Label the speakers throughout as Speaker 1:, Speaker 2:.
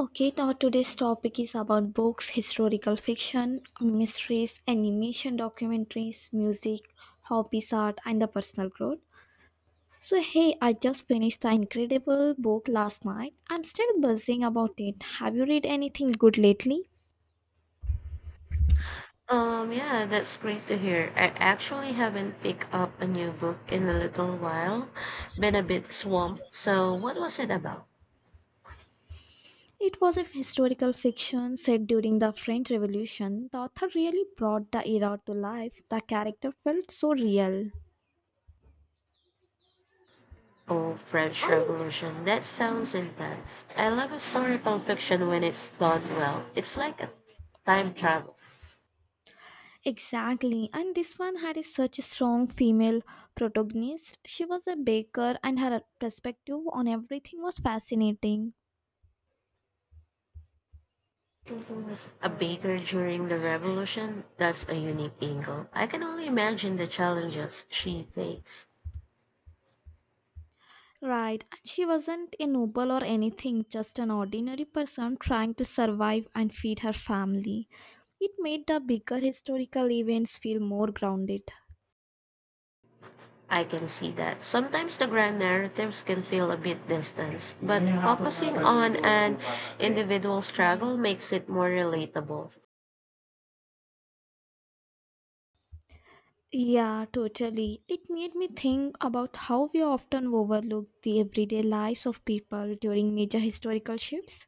Speaker 1: Okay, now today's topic is about books, historical fiction, mysteries, animation, documentaries, music, hobbies, art, and the personal growth. So, hey, I just finished the incredible book last night. I'm still buzzing about it. Have you read anything good lately?
Speaker 2: Yeah, that's great to hear. I actually haven't picked up a new book in a little while. Been a bit swamped. So, what was it about?
Speaker 1: It was a historical fiction set during the French Revolution. The author really brought the era to life. The character felt so real.
Speaker 2: Oh, French Revolution. That sounds intense. I love historical fiction when it's done well. It's like a time travel.
Speaker 1: Exactly, and this one had such a strong female protagonist. She was a baker, and her perspective on everything was fascinating.
Speaker 2: A baker during the revolution, that's a unique angle. I can only imagine the challenges she faced.
Speaker 1: Right, and she wasn't a noble or anything, just an ordinary person trying to survive and feed her family. It made the bigger historical events feel more grounded.
Speaker 2: I can see that. Sometimes the grand narratives can feel a bit distant, but focusing on an individual struggle makes it more relatable.
Speaker 1: Yeah, totally. It made me think about how we often overlook the everyday lives of people during major historical shifts.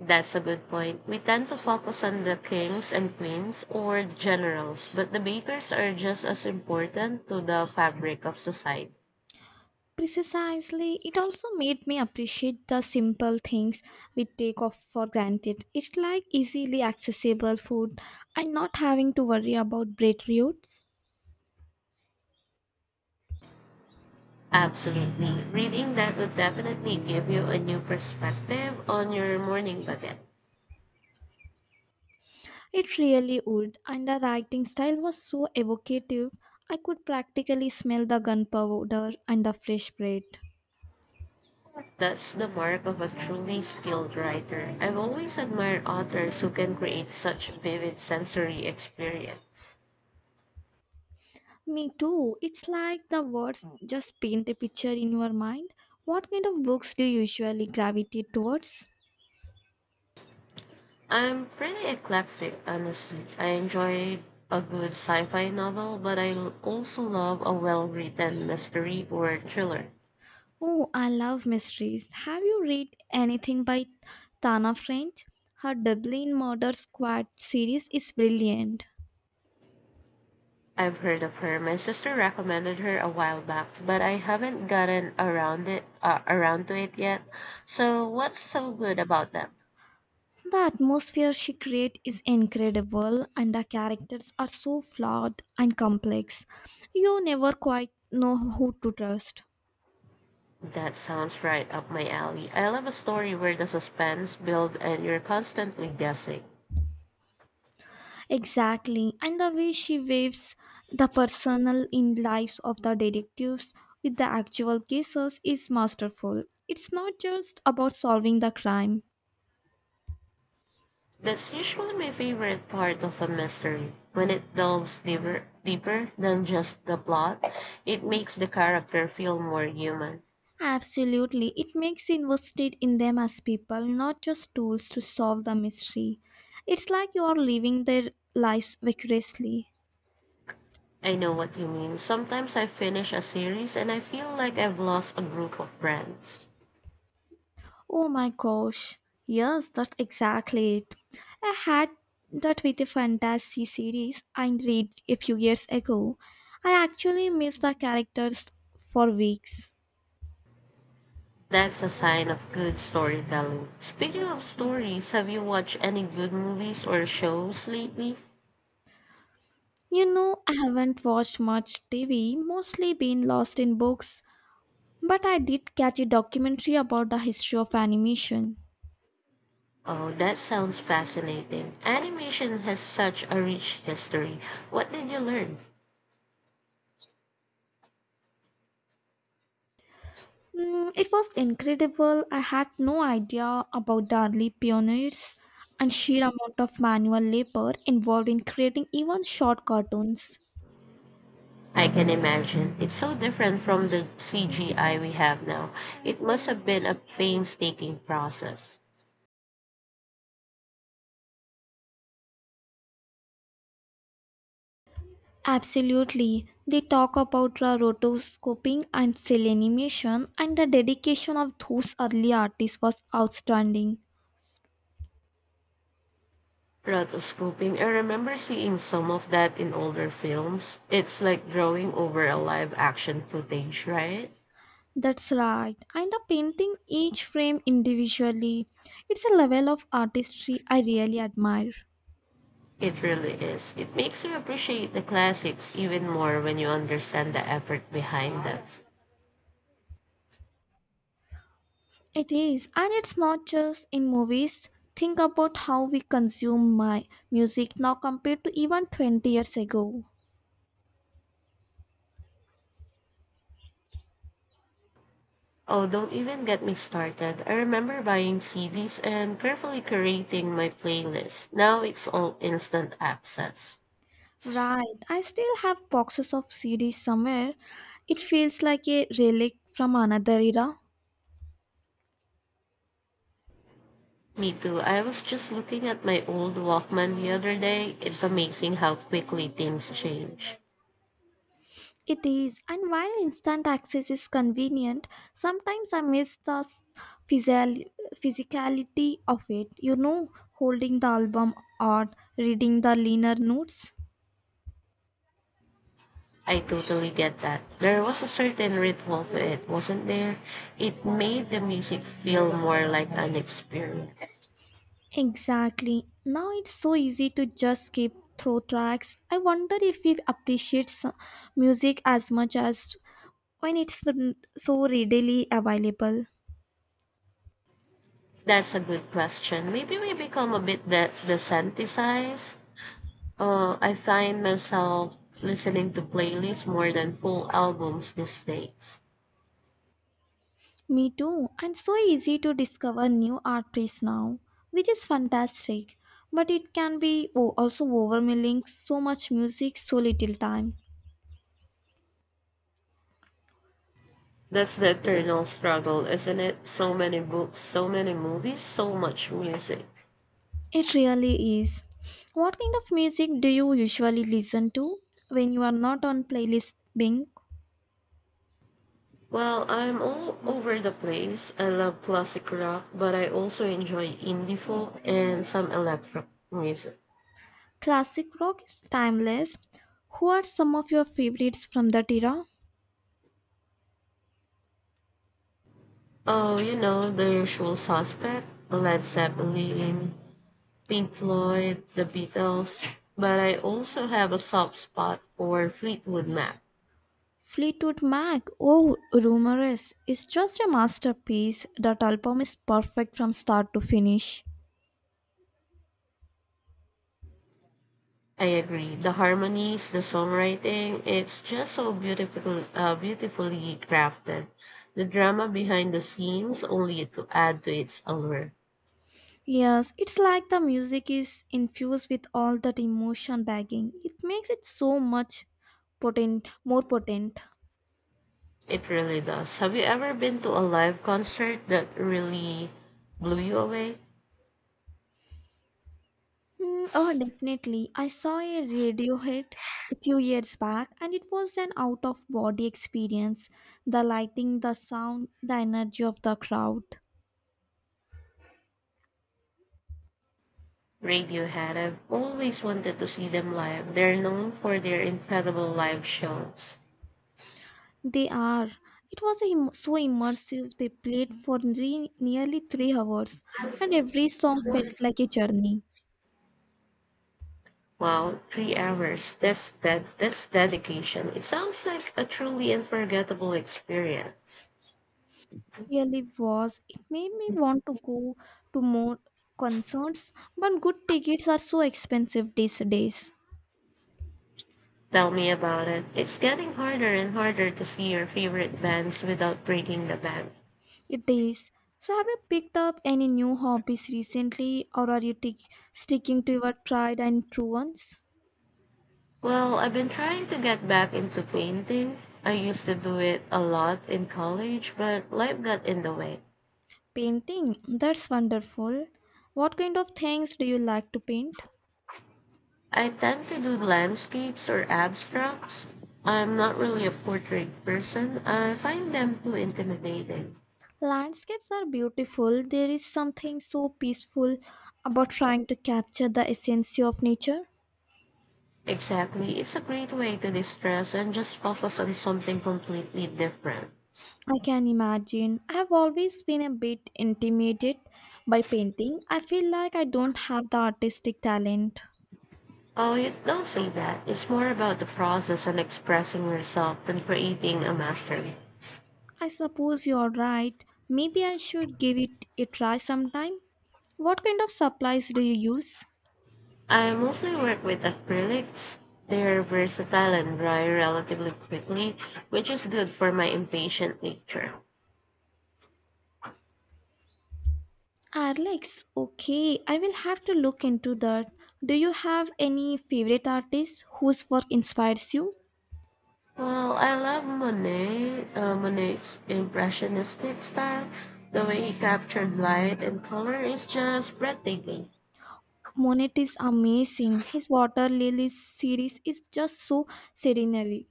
Speaker 2: That's a good point. We tend to focus on the kings and queens or the generals, but the bakers are just as important to the fabric of society.
Speaker 1: Precisely, it also made me appreciate the simple things we take off for granted. It's like easily accessible food and not having to worry about bread roots.
Speaker 2: Absolutely. Reading that would definitely give you a new perspective on your morning baguette.
Speaker 1: It really would, and the writing style was so evocative. I could practically smell the gunpowder and the fresh bread.
Speaker 2: That's the mark of a truly skilled writer. I've always admired authors who can create such vivid sensory experience.
Speaker 1: Me too. It's like the words just paint a picture in your mind. What kind of books do you usually gravitate towards?
Speaker 2: I'm pretty eclectic, honestly. I enjoy a good sci-fi novel, but also love a well-written mystery or thriller.
Speaker 1: Oh, I love mysteries. Have you read anything by Tana French? Her Dublin Murder Squad series is brilliant.
Speaker 2: I've heard of her. My sister recommended her a while back, but I haven't gotten around to it yet. So, what's so good about them?
Speaker 1: The atmosphere she creates is incredible, and the characters are so flawed and complex. You never quite know who to trust.
Speaker 2: That sounds right up my alley. I love a story where the suspense builds and you're constantly guessing.
Speaker 1: Exactly, and the way she waves the personal in lives of the detectives with the actual cases is masterful. It's not just about solving the crime.
Speaker 2: That's usually my favorite part of a mystery. When it deeper than just the plot, it makes the character feel more human.
Speaker 1: Absolutely. It makes you invested in them as people, not just tools to solve the mystery. It's like you are living their lives vicariously.
Speaker 2: I know what you mean. Sometimes I finish a series and I feel like I've lost a group of friends.
Speaker 1: Oh my gosh. Yes, that's exactly it. I had that with a fantasy series I read a few years ago. I actually missed the characters for weeks.
Speaker 2: That's a sign of good storytelling. Speaking of stories, have you watched any good movies or shows lately?
Speaker 1: You know, I haven't watched much TV, mostly been lost in books, but I did catch a documentary about the history of animation.
Speaker 2: Oh, that sounds fascinating. Animation has such a rich history. What did you learn?
Speaker 1: It was incredible. I had no idea about the early pioneers and sheer amount of manual labor involved in creating even short cartoons.
Speaker 2: I can imagine. It's so different from the CGI we have now. It must have been a painstaking process.
Speaker 1: Absolutely. They talk about the rotoscoping and cell animation, and the dedication of those early artists was outstanding.
Speaker 2: Rotoscoping. I remember seeing some of that in older films. It's like drawing over a live action footage, right?
Speaker 1: That's right. And the painting each frame individually. It's a level of artistry I really admire.
Speaker 2: It really is. It makes you appreciate the classics even more when you understand the effort behind them.
Speaker 1: It is, and it's not just in movies. Think about how we consume my music now compared to even 20 years ago.
Speaker 2: Oh, don't even get me started. I remember buying CDs and carefully curating my playlist. Now it's all instant access.
Speaker 1: Right, I still have boxes of CDs somewhere. It feels like a relic from another era.
Speaker 2: Me too. I was just looking at my old Walkman the other day. It's amazing how quickly things change.
Speaker 1: It is, and while instant access is convenient, sometimes I miss the physical- physicality of it. You know, holding the album or reading the liner notes.
Speaker 2: I totally get that. There was a certain ritual to it, wasn't there? It made the music feel more like an experience.
Speaker 1: Exactly. Now it's so easy to just skip through tracks. I wonder if we appreciate music as much as when it's so readily available.
Speaker 2: That's a good question. Maybe we become a bit desensitized. I find myself listening to playlists more than full albums these days.
Speaker 1: Me too. And so easy to discover new artists now, which is fantastic. But it can be also overwhelming so much music, so little time.
Speaker 2: That's the eternal struggle, isn't it? So many books, so many movies, so much music.
Speaker 1: It really is. What kind of music do you usually listen to when you are not on playlist Bing?
Speaker 2: Well, I'm all over the place. I love classic rock, but I also enjoy indie folk and some electro music.
Speaker 1: Classic rock is timeless. Who are some of your favorites from that era?
Speaker 2: Oh, you know, the usual suspect, Led Zeppelin, Pink Floyd, the Beatles. But I also have a soft spot for Fleetwood Mac.
Speaker 1: Fleetwood Mac, oh, Rumorous, is just a masterpiece. That album is perfect from start to finish.
Speaker 2: I agree. The harmonies, the songwriting, it's just so beautifully crafted. The drama behind the scenes only to add to its allure.
Speaker 1: Yes, it's like the music is infused with all that emotion bagging. It makes it so much more potent.
Speaker 2: It really does. Have you ever been to a live concert that really blew you away?
Speaker 1: Oh, definitely. I saw a radio hit a few years back and it was an out of body experience. The lighting, the sound, the energy of the crowd.
Speaker 2: Radiohead. I've always wanted to see them live. They're known for their incredible live shows.
Speaker 1: They are. It was so immersive. They played for nearly 3 hours and every song felt like a journey.
Speaker 2: Wow, 3 hours. That's that. That's dedication. It sounds like a truly unforgettable experience.
Speaker 1: Really was. It made me want to go to more concerts, but good tickets are so expensive these days.
Speaker 2: Tell me about it. It's getting harder and harder to see your favorite bands without breaking the bank.
Speaker 1: It is. So, have you picked up any new hobbies recently, or are you sticking to your tried and true ones?
Speaker 2: Well, I've been trying to get back into painting. I used to do it a lot in college, but life got in the way.
Speaker 1: Painting. That's wonderful. What kind of things do you like to paint?
Speaker 2: I tend to do landscapes or abstracts. I'm not really a portrait person. I find them too intimidating.
Speaker 1: Landscapes are beautiful. There is something so peaceful about trying to capture the essence of nature.
Speaker 2: Exactly. It's a great way to distress and just focus on something completely different.
Speaker 1: I can imagine. I have always been a bit intimidated by painting. I feel like I don't have the artistic talent.
Speaker 2: Oh, you don't say that. It's more about the process and expressing yourself than creating a masterpiece.
Speaker 1: I suppose you're right. Maybe I should give it a try sometime. What kind of supplies do you use?
Speaker 2: I mostly work with acrylics. They're versatile and dry relatively quickly, which is good for my impatient nature.
Speaker 1: Alex, okay, I will have to look into that. Do you have any favorite artist whose work inspires you?
Speaker 2: Well, I love Monet's impressionistic style. The way he captured light and color is just breathtaking.
Speaker 1: Monet is amazing. His Water Lilies series is just so serenely.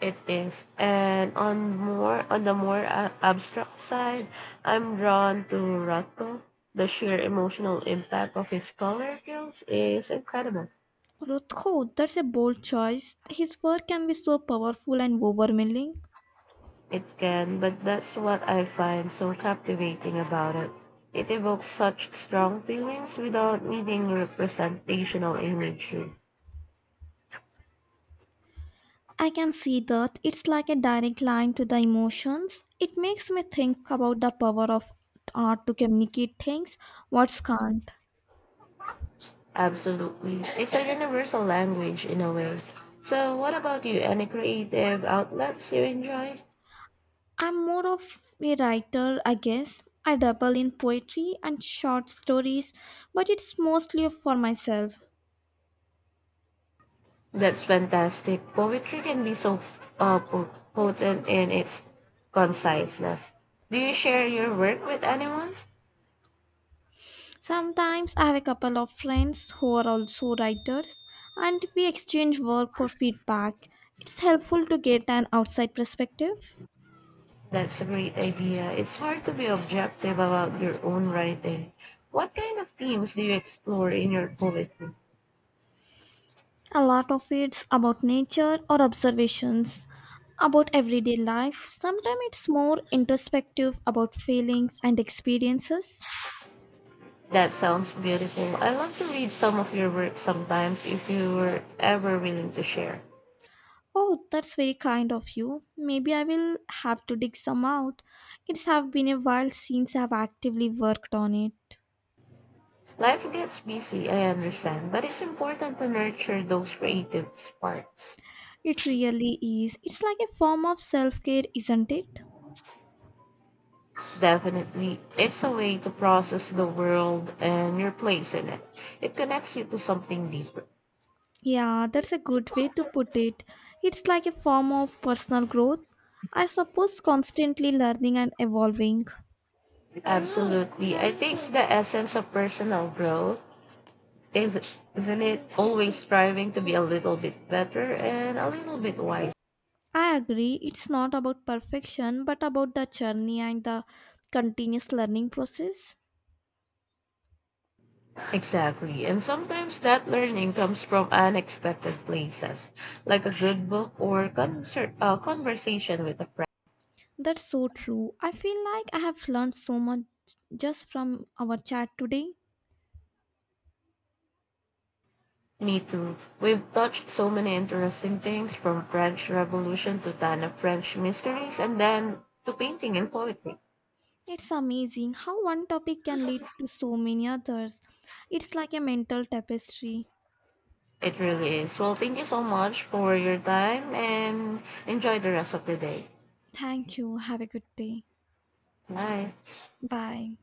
Speaker 2: It is. And on the more abstract side, I'm drawn to Rothko. The sheer emotional impact of his color films is incredible.
Speaker 1: Rothko, that's a bold choice. His work can be so powerful and overwhelming.
Speaker 2: It can, but that's what I find so captivating about it. It evokes such strong feelings without needing representational imagery.
Speaker 1: I can see that it's like a direct line to the emotions. It makes me think about the power of art to communicate things what's can't.
Speaker 2: Absolutely. It's a universal language in a way. So what about you? Any creative outlets you enjoy?
Speaker 1: I'm more of a writer, I guess. I dabble in poetry and short stories, but it's mostly for myself.
Speaker 2: That's fantastic. Poetry can be so potent in its conciseness. Do you share your work with anyone?
Speaker 1: Sometimes I have a couple of friends who are also writers, and we exchange work for feedback. It's helpful to get an outside perspective.
Speaker 2: That's a great idea. It's hard to be objective about your own writing. What kind of themes do you explore in your poetry?
Speaker 1: A lot of it's about nature or observations about everyday life. Sometimes it's more introspective about feelings and experiences.
Speaker 2: That sounds beautiful. I love to read some of your work sometimes if you were ever willing to share.
Speaker 1: Oh, that's very kind of you. Maybe I will have to dig some out. It's have been a while since I've actively worked on it.
Speaker 2: Life gets busy, I understand, but it's important to nurture those creative sparks.
Speaker 1: It really is. It's like a form of self-care, isn't it?
Speaker 2: Definitely. It's a way to process the world and your place in it. It connects you to something deeper.
Speaker 1: Yeah, that's a good way to put it. It's like a form of personal growth. I suppose constantly learning and evolving.
Speaker 2: Absolutely. I think the essence of personal growth is isn't it always striving to be a little bit better and a little bit wiser.
Speaker 1: I agree, it's not about perfection, but about the journey and the continuous learning process.
Speaker 2: Exactly. And sometimes that learning comes from unexpected places, like a good book or conversation with a
Speaker 1: That's so true. I feel like I have learned so much just from our chat today.
Speaker 2: Me too. We've touched so many interesting things from French Revolution to ton of French mysteries and then to painting and poetry.
Speaker 1: It's amazing how one topic can lead to so many others. It's like a mental tapestry.
Speaker 2: It really is. Well, thank you so much for your time and enjoy the rest of the day.
Speaker 1: Thank you. Have a good day.
Speaker 2: Bye.
Speaker 1: Bye.